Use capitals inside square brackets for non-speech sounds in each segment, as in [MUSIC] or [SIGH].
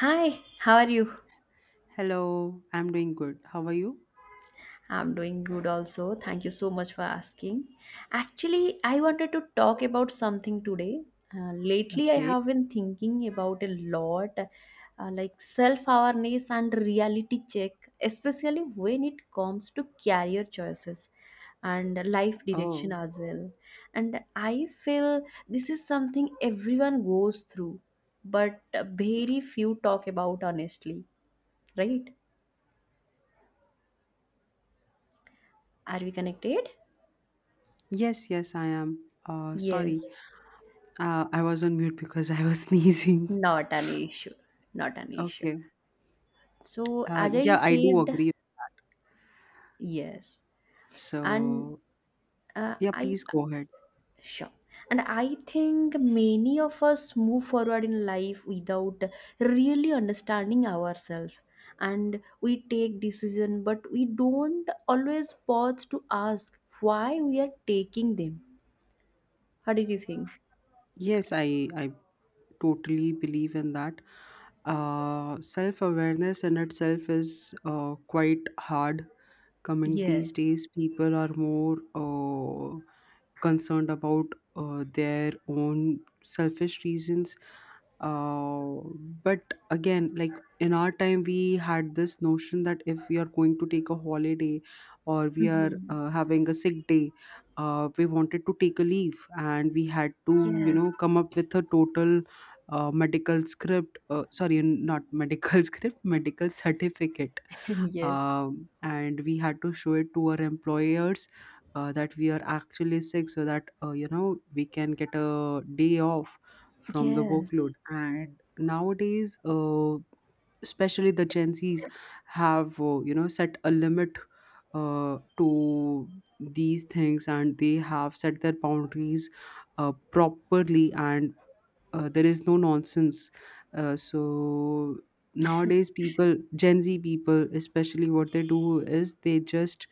Hi, how are you? Hello, I'm doing good. How are you? I'm doing good also. Thank you so much for asking. Actually, I wanted to talk about something today. Lately, I Okay. have been thinking about a lot like self awareness and reality check, especially when it comes to career choices and life direction Oh, as well. And I feel this is something everyone goes through, but very few talk about honestly, right? Are we connected? yes, yes, I am. Uh, sorry, Yes, uh, I was on mute because I was [LAUGHS] sneezing. not an issue. Not an issue. Okay. So, Uh, as I yeah, I do said, agree. yes. And So, uh, yeah, I, please go ahead. sure. And I think many of us move forward in life without really understanding ourselves. And we take decision, but we don't always pause to ask why we are taking them. How did you think? Yes, I totally believe in that. Self-awareness in itself is quite hard coming these Yes. days. People are more concerned about their own selfish reasons, uh, but again, like, in our time we had this notion that if we are going to take a holiday or we are Hmm. Having a sick day, we wanted to take a leave and we had to, you know, Yes. come up with a total medical script, sorry, not medical [LAUGHS] script, medical certificate, [LAUGHS] Yes. And we had to show it to our employers, that we are actually sick so that, you know, we can get a day off from the Yes. workload. And nowadays, especially the gen z's have, you know, set a limit to these things, and they have set their boundaries properly, and there is no nonsense. So nowadays people, gen z people especially, what they do is they just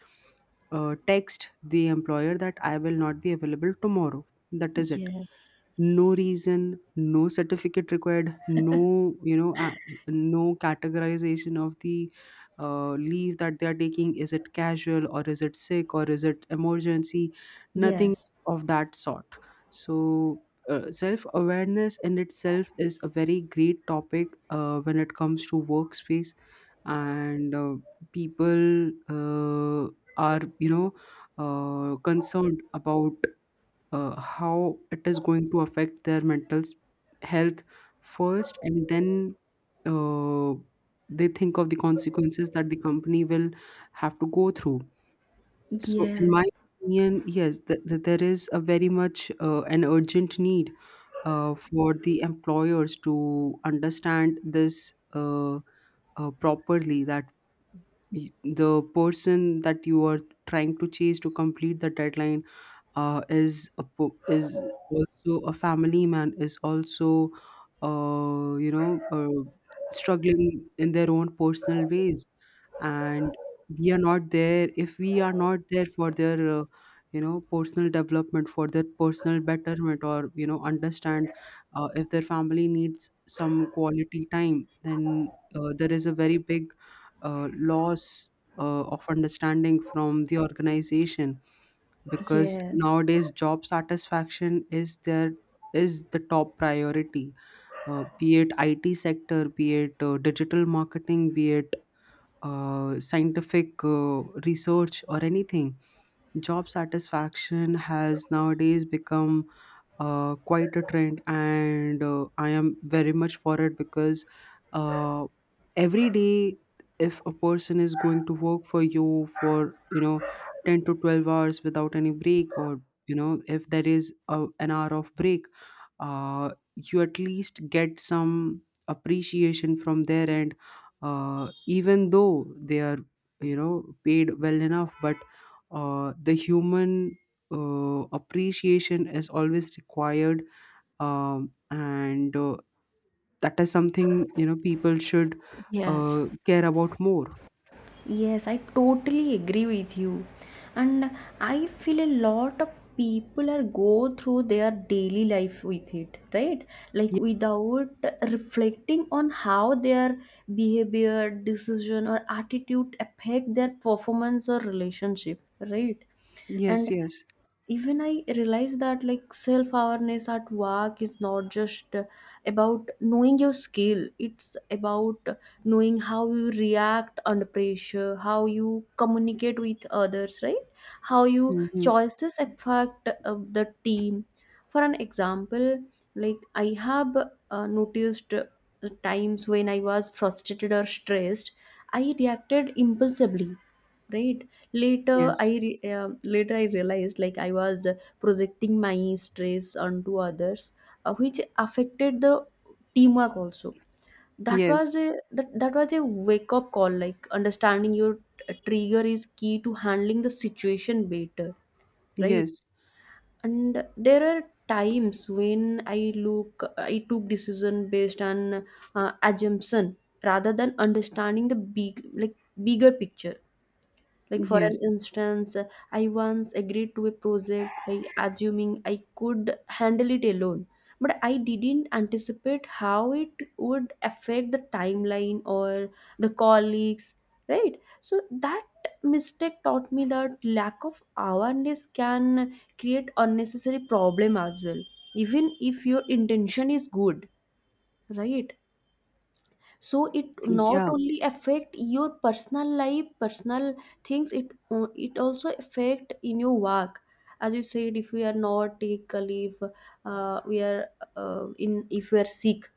text the employer that I will not be available tomorrow. That is it. Yes. No reason, no certificate required, no, you know, no categorization of the leave that they are taking. Is it casual, or is it sick, or is it emergency? Nothing Yes. of that sort. So self awareness in itself is a very great topic when it comes to workspace. And people are, you know, concerned about how it is going to affect their health first, and then uh, they think of the consequences that the company will have to go through. So in my Yes, opinion, yes, there is a very much, an urgent need for the employers to understand this, properly, that the person that you are trying to chase to complete the deadline, is also a family man, is also, you know, struggling in their own personal ways. And we are not there, if we are not there for their, you know, personal development, for their personal betterment, or, you know, understand if their family needs some quality time, then there is a very big loss of understanding from the organization, because yes, nowadays job satisfaction is there, is the top priority, be it IT sector, be it digital marketing, be it scientific research, or anything. Job satisfaction has nowadays become quite a trend, and I am very much for it, because uh, every day, if a person is going to work for you for, you know, 10 to 12 hours without any break, or, you know, if there is an hour of break, uh, you at least get some appreciation from there. And even though they are, you know, paid well enough, but the human appreciation is always required. And That is something, you know, people should, yes, care about more. yes, I totally agree with you. And I feel a lot of people are go through their daily life with it, right? Like Ye- without reflecting on how their behavior, decision, or attitude affect their performance or relationship, right? yes, And yes. even I realize that like self awareness at work is not just about knowing your skill, it's about knowing how you react under pressure, how you communicate with others, right, how your Mm-hmm. choices affect the team. For an example, like I have noticed times when I was frustrated or stressed, I reacted impulsively, right. Later, I Yes, re- um later I realized like I was projecting my stress onto others, which affected the teamwork also. That yes, was a that, that was a wake up call. Like understanding your trigger is key to handling the situation better, right? yes. And there are times when I look, I took decision based on assumption rather than understanding the bigger picture, like, for Yes. an instance, I once agreed to a project by assuming I could handle it alone, but I didn't anticipate how it would affect the timeline or the colleagues, right? So, that mistake taught me that lack of awareness can create unnecessary problem as well, even if your intention is good, right. So it not Yeah. only affect your personal life, personal things, it also affect in your work. As you said, if we are not take a leave, we are in if we are sick,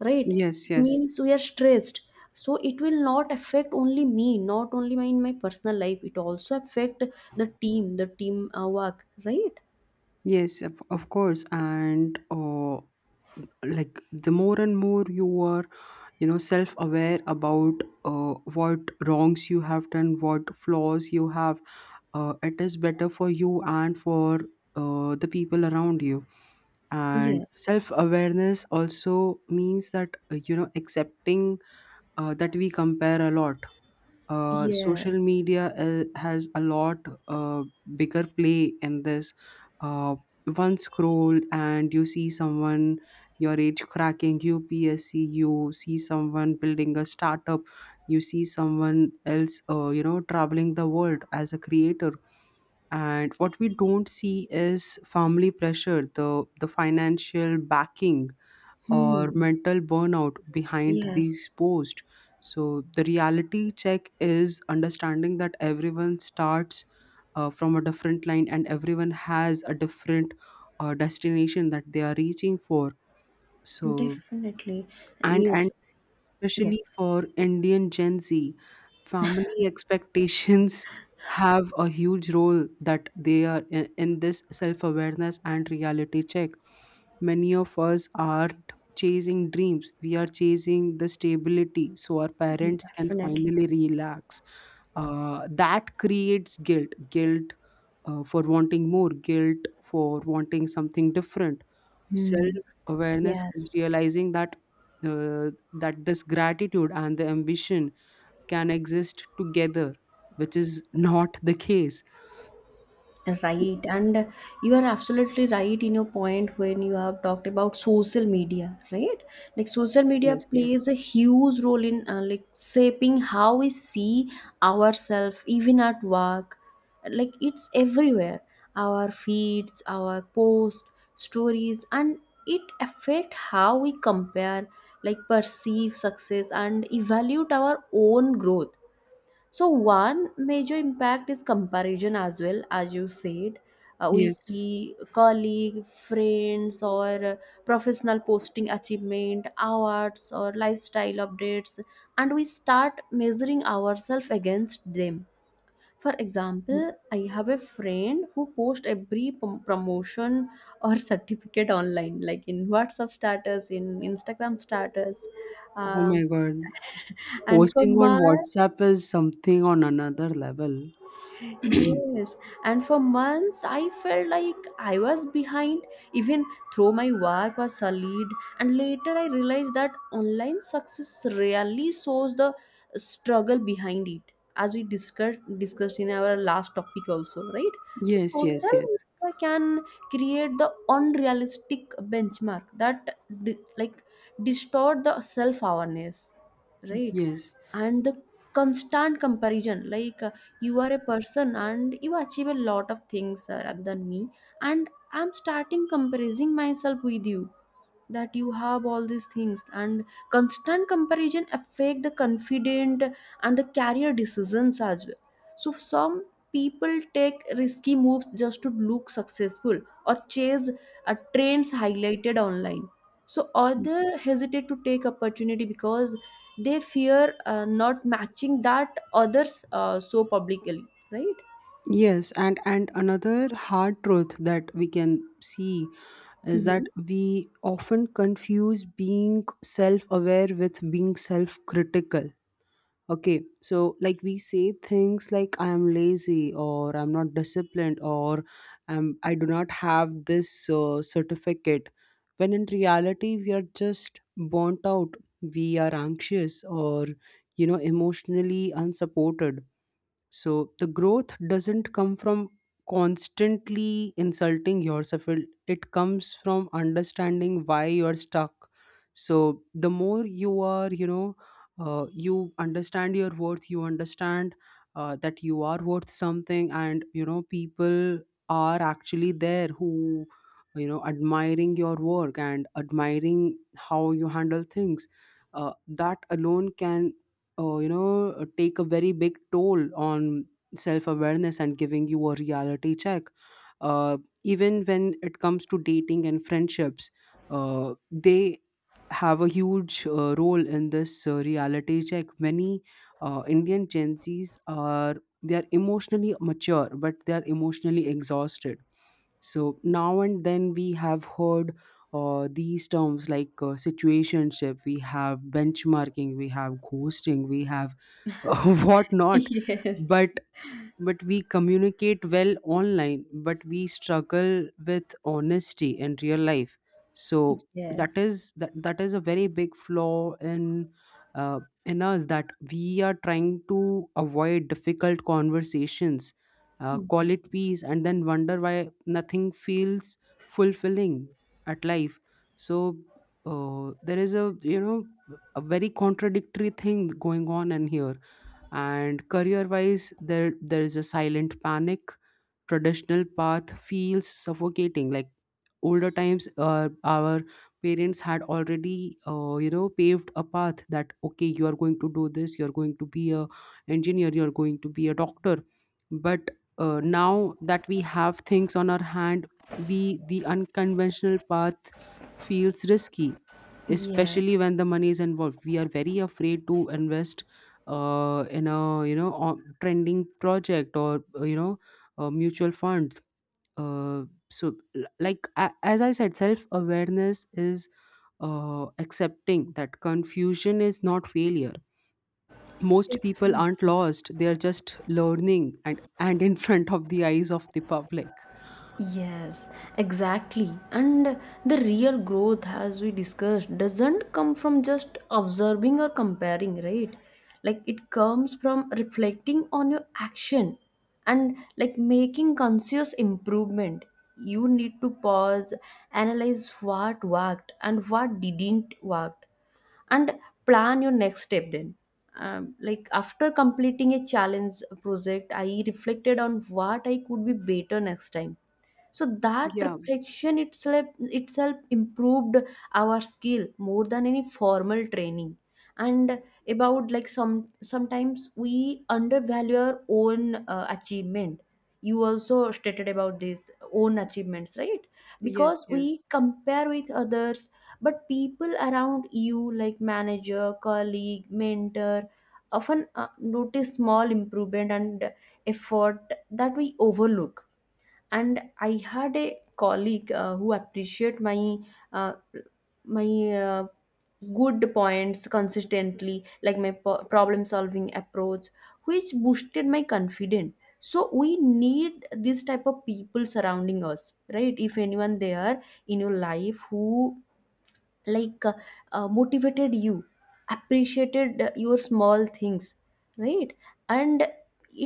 right, Yes, yes. means we are stressed. So it will not affect only me, not only my in my personal life, it also affect the team, the team work, right. Yes, of course. And like, the more and more you are, you know, self aware about what wrongs you have done, what flaws you have, it is better for you and for the people around you. And Yes, self awareness also means that, you know, accepting that we compare a lot. Social yes. media has a lot uh, bigger play in this. Uh, one scroll and you see someone your age cracking UPSC, you see someone building a startup, you see someone else, you know, traveling the world as a creator, and what we don't see is family pressure, the financial backing or Hmm. mental burnout behind Yes, these posts. So the reality check is understanding that everyone starts from a different line and everyone has a different destination that they are reaching for. So, definitely. and Yes, yes. especially for Indian Gen Z, family expectations [LAUGHS] have a huge role that they are in this self awareness and reality check. Many of us aren't chasing dreams, we are chasing the stability so our parents can Definitely. finally relax. That creates guilt, for wanting more, guilt for wanting something different. Hmm. Self-awareness is Yes. realizing that that this gratitude and the ambition can exist together, which is not the case. Right. And you are absolutely right in your point when you have talked about social media, right? Like social media Yes, yes, plays a huge role in like shaping how we see ourselves, even at work. Like it's everywhere. Our feeds, our posts, stories, and it affect how we compare, like perceive success and evaluate our own growth. So one major impact is comparison as well, as you said. We yes. see colleague, friends, or professional posting achievement, awards, or lifestyle updates, and we start measuring ourselves against them. For example, I have a friend who posts every promotion or [LAUGHS] certificate online, like in WhatsApp status, in Instagram status, Oh my um, God. and for Posting on my WhatsApp is something on another level. Yes, and for months I felt like I was behind, even though my work was solid. And later I realized that online success rarely shows the struggle behind it, as we discussed in our last topic also, right? So Yes, yes, social yes. media can create the unrealistic benchmark that like distort the self awareness, right? Yes. And the constant comparison, like you are a person and you achieve a lot of things rather than me, and I'm starting comparing myself with you, that you have all these things, and constant comparison affect the confident and the career decisions as well. So some people take risky moves just to look successful, or chase trends highlighted online, so others hesitate to take opportunity because they fear not matching that others so publicly, right. Yes, and another hard truth that we can see is Hmm. that we often confuse being self-aware with being self-critical. Okay, so like, we say things like I am lazy, or I'm not disciplined, or I do not have this certificate. When in reality, we are just burnt out, we are anxious, or, you know, emotionally unsupported. So the growth doesn't come from constantly insulting yourself. It comes from understanding why you're stuck. So the more you are, you know, you understand your worth. You understand that you are worth something, and, you know, people are actually there who, you know, admiring your work and admiring how you handle things, uh, that alone can, you know, take a very big toll on self-awareness and giving you a reality check, uh, even when it comes to dating and friendships. They have a huge role in this reality check. Many Indian gen z's are, they are emotionally mature, but they are emotionally exhausted. So now and then we have heard these terms like, situationship, we have benchmarking, we have ghosting, we have [LAUGHS] [LAUGHS] whatnot. Yes. But we communicate well online, but we struggle with honesty in real life. So that Yes. is, that is a very big flaw in, in us, that we are trying to avoid difficult conversations, call Def- it peace, and then wonder why nothing feels fulfilling at life. So there is a, you know, a very contradictory thing going on in here. And career wise, there is a silent panic. Traditional path feels suffocating. Like older times, our parents had already, you know, paved a path, that okay, you are going to do this, you are going to be a engineer, you are going to be a doctor. But now that we have things on our hand, we the unconventional path feels risky, especially yes, when the money is involved. We are very afraid to invest in a, you know, trending project, or, you know, mutual funds. Uh, so, like a as I said, self awareness is, accepting that confusion is not failure. Most people aren't definitely. lost; they are just learning, and [LAUGHS] in front of the eyes of the public. Yes, exactly. And the real growth, as we discussed, doesn't come from just observing or comparing, right? Like it comes from reflecting on your action and like making conscious improvement. You need to pause, analyze what worked and what didn't work, and plan your next step then. Like after completing a challenge project, I reflected on what I could be better next time. So that Yeah. reflection itself improved our skill more than any formal training. And about like some sometimes we undervalue our own achievement, you also stated about this own achievements, right, Yes. because Yes. we compare with others. But people around you like manager, colleague, mentor often notice small improvement and effort that we overlook. And I had a colleague who appreciate uh, my uh, good points consistently, like my problem solving approach, which boosted my confidence. So we need this type of people surrounding us, right, if anyone there in your life who like uh, motivated you, appreciated your small things, right. And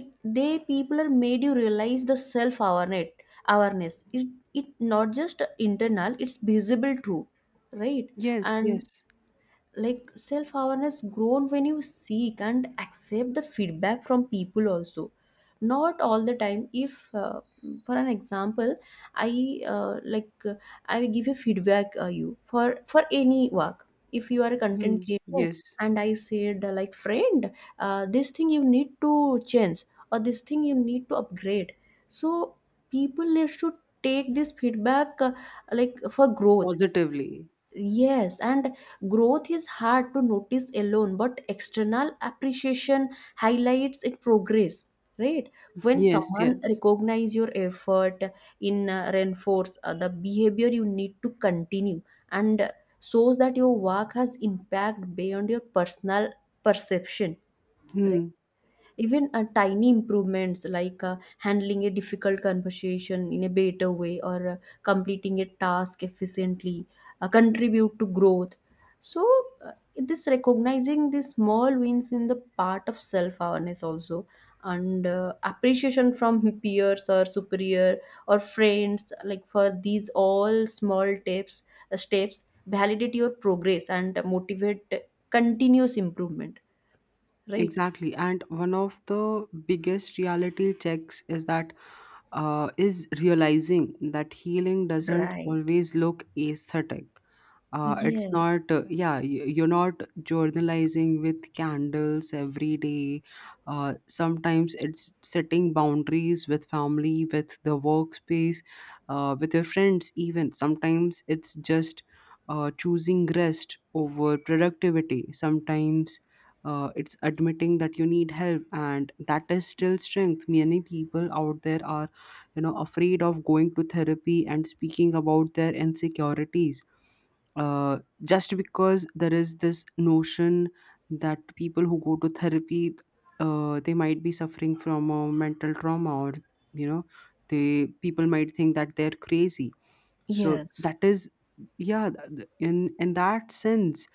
it they people are made you realize the self awareness, it, it not just internal, it's visible too, right. Yes. And Yes. like self awareness grown when you seek and accept the feedback from people also, not all the time, if for an example, i uh, like uh, I will give a feedback you for any work, if you are a content Hmm. creator, Yes. and I said like friend, this thing you need to change or this thing you need to upgrade. So people need to take this feedback, like for growth. Positively. Yes, and growth is hard to notice alone, but external appreciation highlights it progress, right? When Yes. someone Yes. recognize your effort in reinforce the behavior you need to continue, and shows that your work has impact beyond your personal perception, right? Hmm. Even tiny improvements like handling a difficult conversation in a better way or completing a task efficiently contribute to growth. So, this recognizing the small wins in the part of self awareness also, and appreciation from [LAUGHS] peers or superior or friends, like for these all small tips steps validate your progress and motivate continuous improvement, right. Exactly. And one of the biggest reality checks is that, is realizing that healing doesn't Right. always look aesthetic. It's not, Yes, you're not journalizing with candles every day. Sometimes it's setting boundaries, with family, with the workspace, with your friends. Even sometimes it's just, choosing rest over productivity. Sometimes it's admitting that you need help, and that is still strength. Many people out there are, you know, afraid of going to therapy and speaking about their insecurities, uh, just because there is this notion that people who go to therapy, they might be suffering from a mental trauma, or, you know, they people might think that they're crazy. So yes. that is, yeah, in that sense,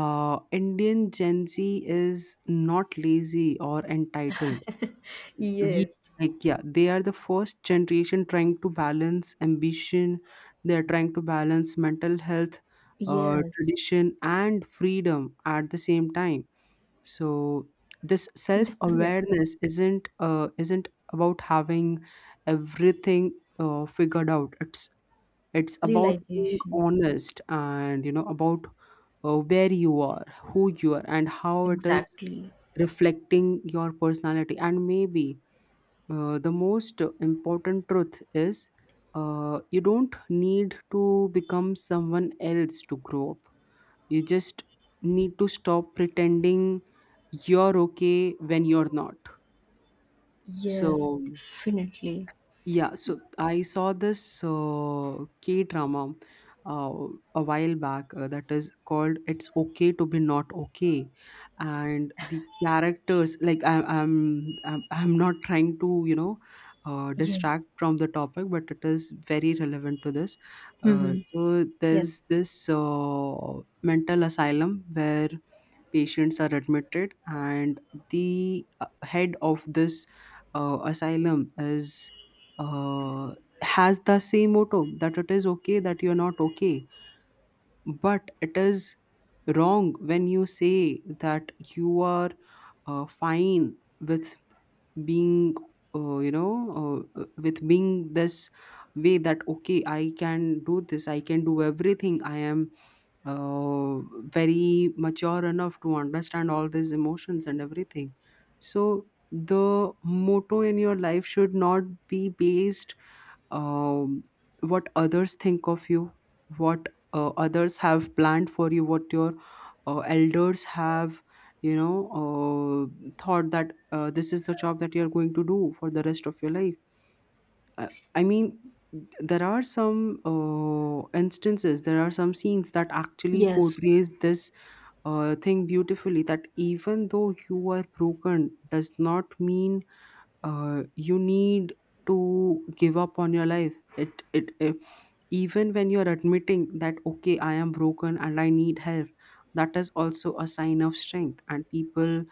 Indian gen z is not lazy or entitled. [LAUGHS] We Yes. like Yeah, they are the first generation trying to balance ambition, they are trying to balance mental health, Yes, tradition and freedom at the same time. So this self definitely. awareness isn't about having everything figured out. It's about being Realization, honest, and, you know, about where you are, who you are, and how it is exactly. reflecting your personality. And maybe the most important truth is, you don't need to become someone else to grow up. You just need to stop pretending you're okay when you're not. Yes, So, definitely. yeah, so I saw this K drama, uh, a while back, that is called "It's Okay to Be Not Okay," and the characters, like I, I'm not trying to, you know, distract Yes. from the topic, but it is very relevant to this. Uh, Hmm. so Yes, there's this mental asylum where patients are admitted, and the head of this asylum is uh, has the same motto that it is okay that you're not okay, but it is wrong when you say that you are fine with being uh, you know with being this way that okay, I can do this, I can do everything, I am uh, very mature enough to understand all these emotions and everything. So the motto in your life should not be based um, what others think of you, what others have planned for you, what your elders have you know thought that this is the job that you're going to do for the rest of your life. uh, I mean, there are some instances, there are some scenes that actually yes, portrays this thing beautifully, that even though you are broken does not mean you need to give up on your life. It. Even when you're admitting that okay, I am broken and I need help, that is also a sign of strength, and people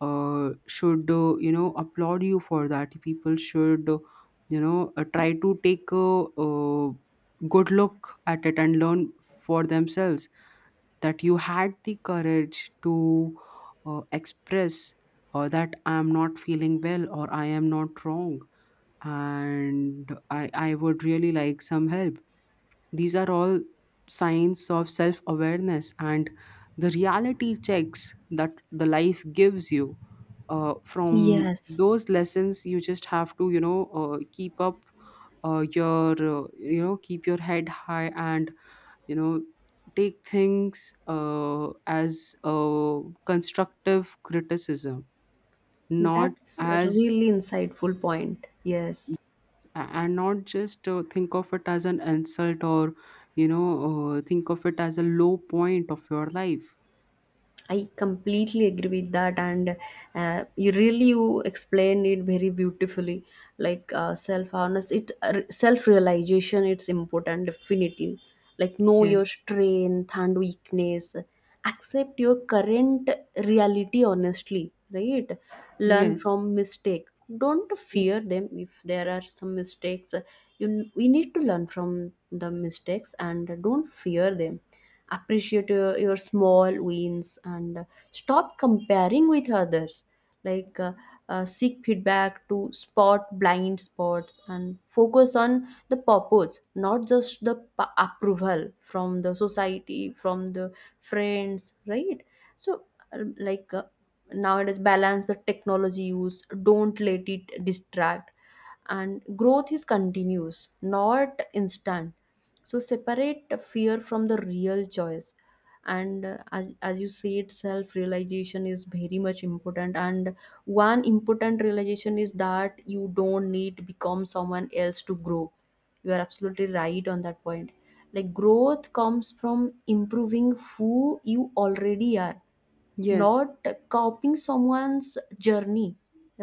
should applaud you for that. People should try to take a, good look at it and learn for themselves that you had the courage to express that I am not feeling well or I am not wrong, and I would really like some help. These are all signs of self awareness and the reality checks that the life gives you. From yes. those lessons, you just have to, keep up your, keep your head high and, you know, take things as a constructive criticism, not That's a as, really insightful point. Yes. and not just think of it as an insult or, you know, think of it as a low point of your life. I completely agree with that, and you really you explained it very beautifully. Like self realization, it's important definitely. Like know your Yes, strength and weakness, accept your current reality honestly, right? Learn yes, from mistake. Don't fear them if there are some mistakes. You we need to learn from the mistakes and don't fear them, appreciate your small wins and stop comparing with others, like uh, seek feedback to spot blind spots and focus on the purpose, not just the approval from the society, from the friends, right. So, uh, like uh, nowadays balance the technology use, don't let it distract, and growth is continuous, not instant. So separate fear from the real choice. And as you said, self realization is very much important. And one important realization is that you don't need to become someone else to grow. You are absolutely right on that point. Like growth comes from improving who you already are, yes, not copying someone's journey,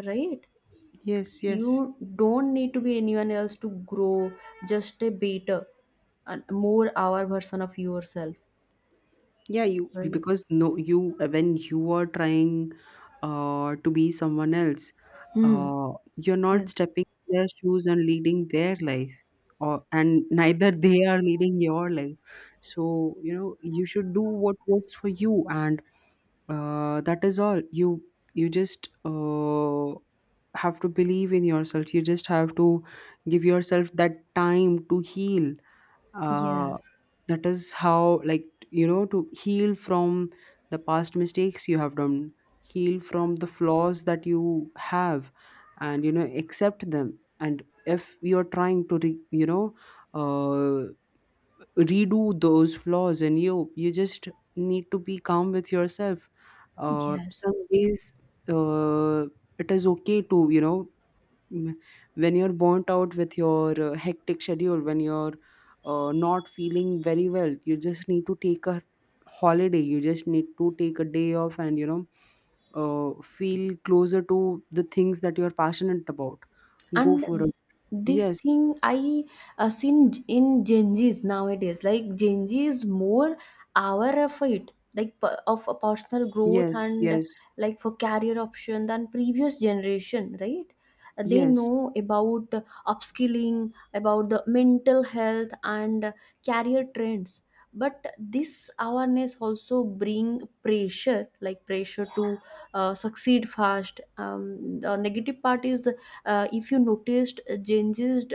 right. yes, yes. You don't need to be anyone else to grow, just a better and more our version of yourself, Yeah, you, right. because no, you, when you are trying to be someone else, Hmm. You're not Yes. stepping in their shoes and leading their life, or, and neither [LAUGHS] they are leading your life. So, you know, you should do what works for you, and that is all. You just have to believe in yourself. You just have to give yourself that time to heal. uh, Yes, that is how, like, you know, to heal from the past mistakes you have done, heal from the flaws that you have, and, you know, accept them. And if you're trying to uh, redo those flaws in you, you just need to be calm with yourself. Yes. Some days uh, it is okay to, you know, Mm, when you're burnt out with your hectic schedule, when you're not feeling very well, you just need to take a holiday, you just need to take a day off and, you know, feel closer to the things that you're passionate about, go And for it. this Yes, thing I seen in genjis nowadays, like genji is more aware of it, like of a personal growth yes, and yes, like for career option than previous generation, right. They yes. know about upskilling, about the mental health and career trends. But this awareness also bring pressure, like pressure to succeed fast. The negative part is if you noticed gen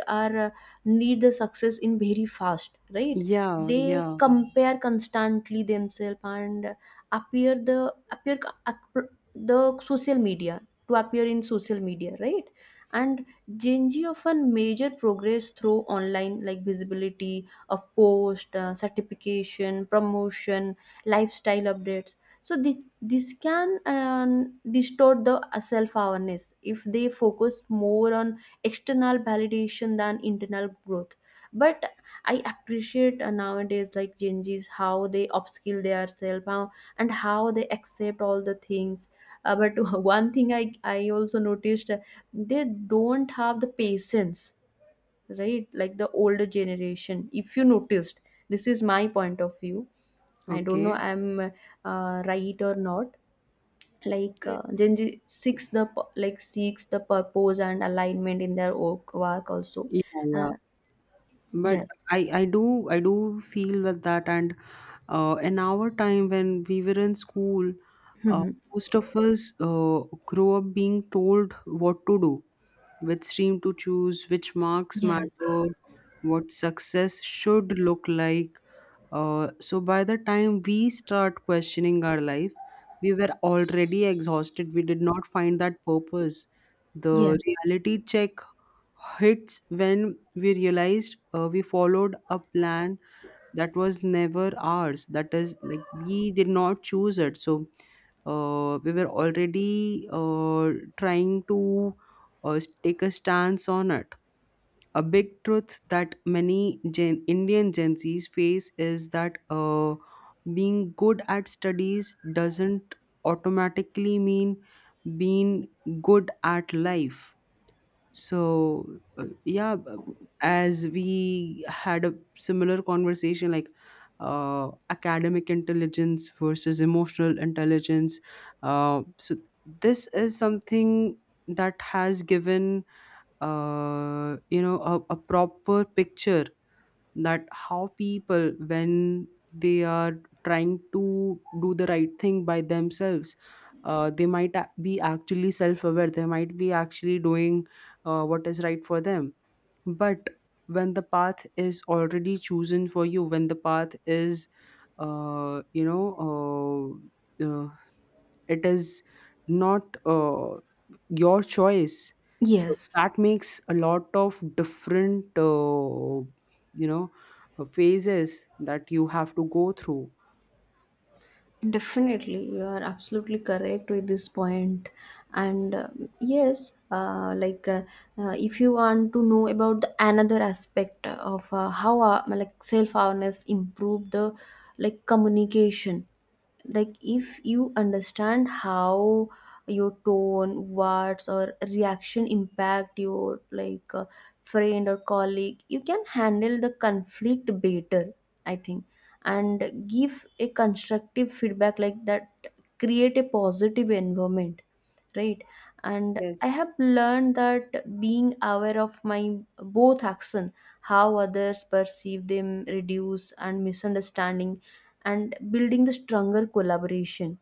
are need the success in very fast, right. Yeah, They yeah. compare constantly themselves and appear the appear ap- the social media to appear in social media, right. And gen z often measure progress through online, like visibility of post, certification, promotion, lifestyle updates. So this can distort the self awareness if they focus more on external validation than internal growth. But I appreciate nowadays like Gen Zs how they upskill their self how, and how they accept all the things. But [LAUGHS] one thing I also noticed they don't have the patience, right? Like the older generation. If you noticed, this is my point of view. I don't know Okay. I'm right or not. Like Uh, Gen Z seeks the like seeks the purpose and alignment in their work also. yeah, Uh, yeah. But yes. I do feel with that. And in our time, when we were in school, uh, Mhm. most of us grow up being told what to do, which stream to choose, which marks Yes. matter, what success should look like. So by the time we start questioning our life, we were already exhausted. We did not find that purpose. The Yes. reality check hits when we realized we followed a plan that was never ours. That is, like, we did not choose it. So we were already trying to take a stance on it. A big truth that many Indian Gen Z's face is that being good at studies doesn't automatically mean being good at life. So yeah, as we had a similar conversation, like academic intelligence versus emotional intelligence. So this is something that has given a proper picture that how people, when they are trying to do the right thing by themselves, they might be actually self-aware, they might be actually doing what is right for them. But when the path is already chosen for you, when the path is uh, you know uh, uh, it is not your choice, so Yes. that makes a lot of different you know phases that you have to go through. Definitely, you are absolutely correct with this point. And yes, if you want to know about the another aspect of how like self awareness improve the like communication, like if you understand how your tone, words, or reaction impact your like friend or colleague, you can handle the conflict better, I think, and give a constructive feedback like that, create a positive environment, right. And I Yes. have learned that being aware of my both action, how others perceive them, reduce and misunderstanding and building the stronger collaboration.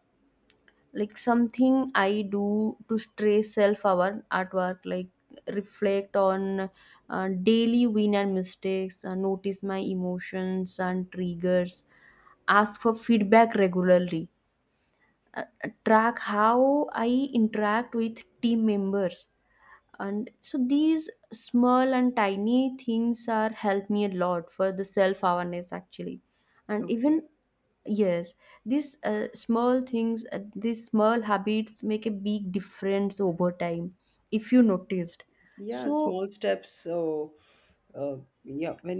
Like something I do to stay self our artwork, like reflect on daily win and mistakes, notice my emotions and triggers, ask for feedback regularly, uh, track how I interact with team members. And so these small and tiny things are help me a lot for the self awareness actually. And even Okay. yes, these small things, these small habits make a big difference over time, if you noticed. Yeah, So small steps. So Uh, yeah, when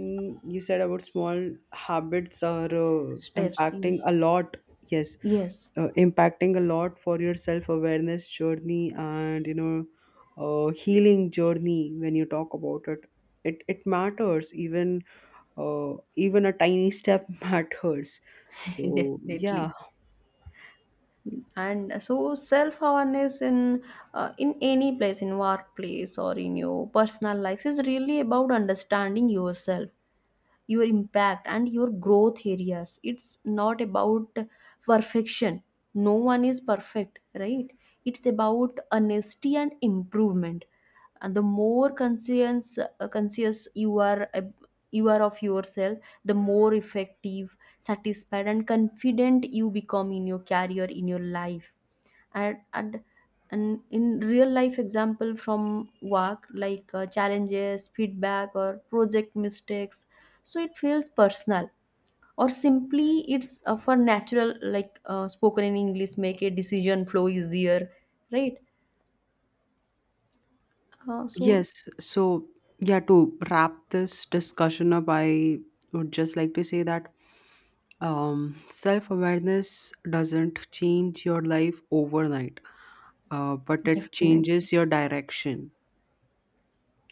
you said about small habits are steps impacting yes, a lot, yes, yes. Impacting a lot for your self-awareness journey and, you know, healing journey. When you talk about it, it matters. Even even a tiny step [LAUGHS] matters. So [LAUGHS] yeah. Definitely. And so self awareness in any place, in workplace or in your personal life, is really about understanding yourself, your impact and your growth areas. It's not about perfection, no one is perfect, right. It's about honesty and improvement. And the more conscious you are you are of yourself, the more effective, satisfied, and confident you become in your career, in your life. And and and in real life example from work, like challenges, feedback, or project mistakes, so it feels personal, or simply it's for natural, like spoken in English, make a decision flow easier, right. So Yes. So, yeah, to wrap this discussion up, I would just like to say that self awareness doesn't change your life overnight, but it changes definitely, your direction.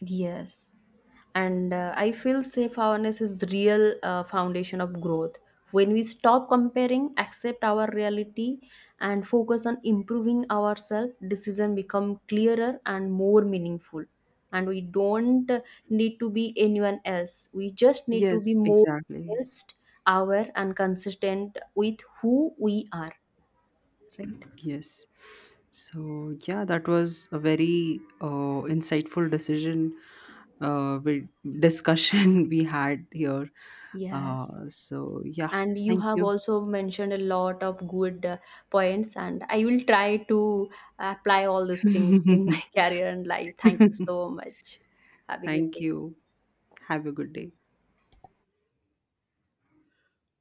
yes. And I feel self awareness is the real foundation of growth. When we stop comparing, accept our reality, and focus on improving ourselves, decision become clearer and more meaningful. And we don't need to be anyone else, we just need to be Yes, more exactly. honest, aware, and consistent with who we are, right. Yes. So, yeah, that was a very insightful decision, uh, we, discussion [LAUGHS] we had here. Yes, So, yeah, and you thank have you. also mentioned a lot of good points, and I will try to apply all these things in my [LAUGHS] [LAUGHS] career and life. Thank you so much. Have a good Thank day. you. Have a good day.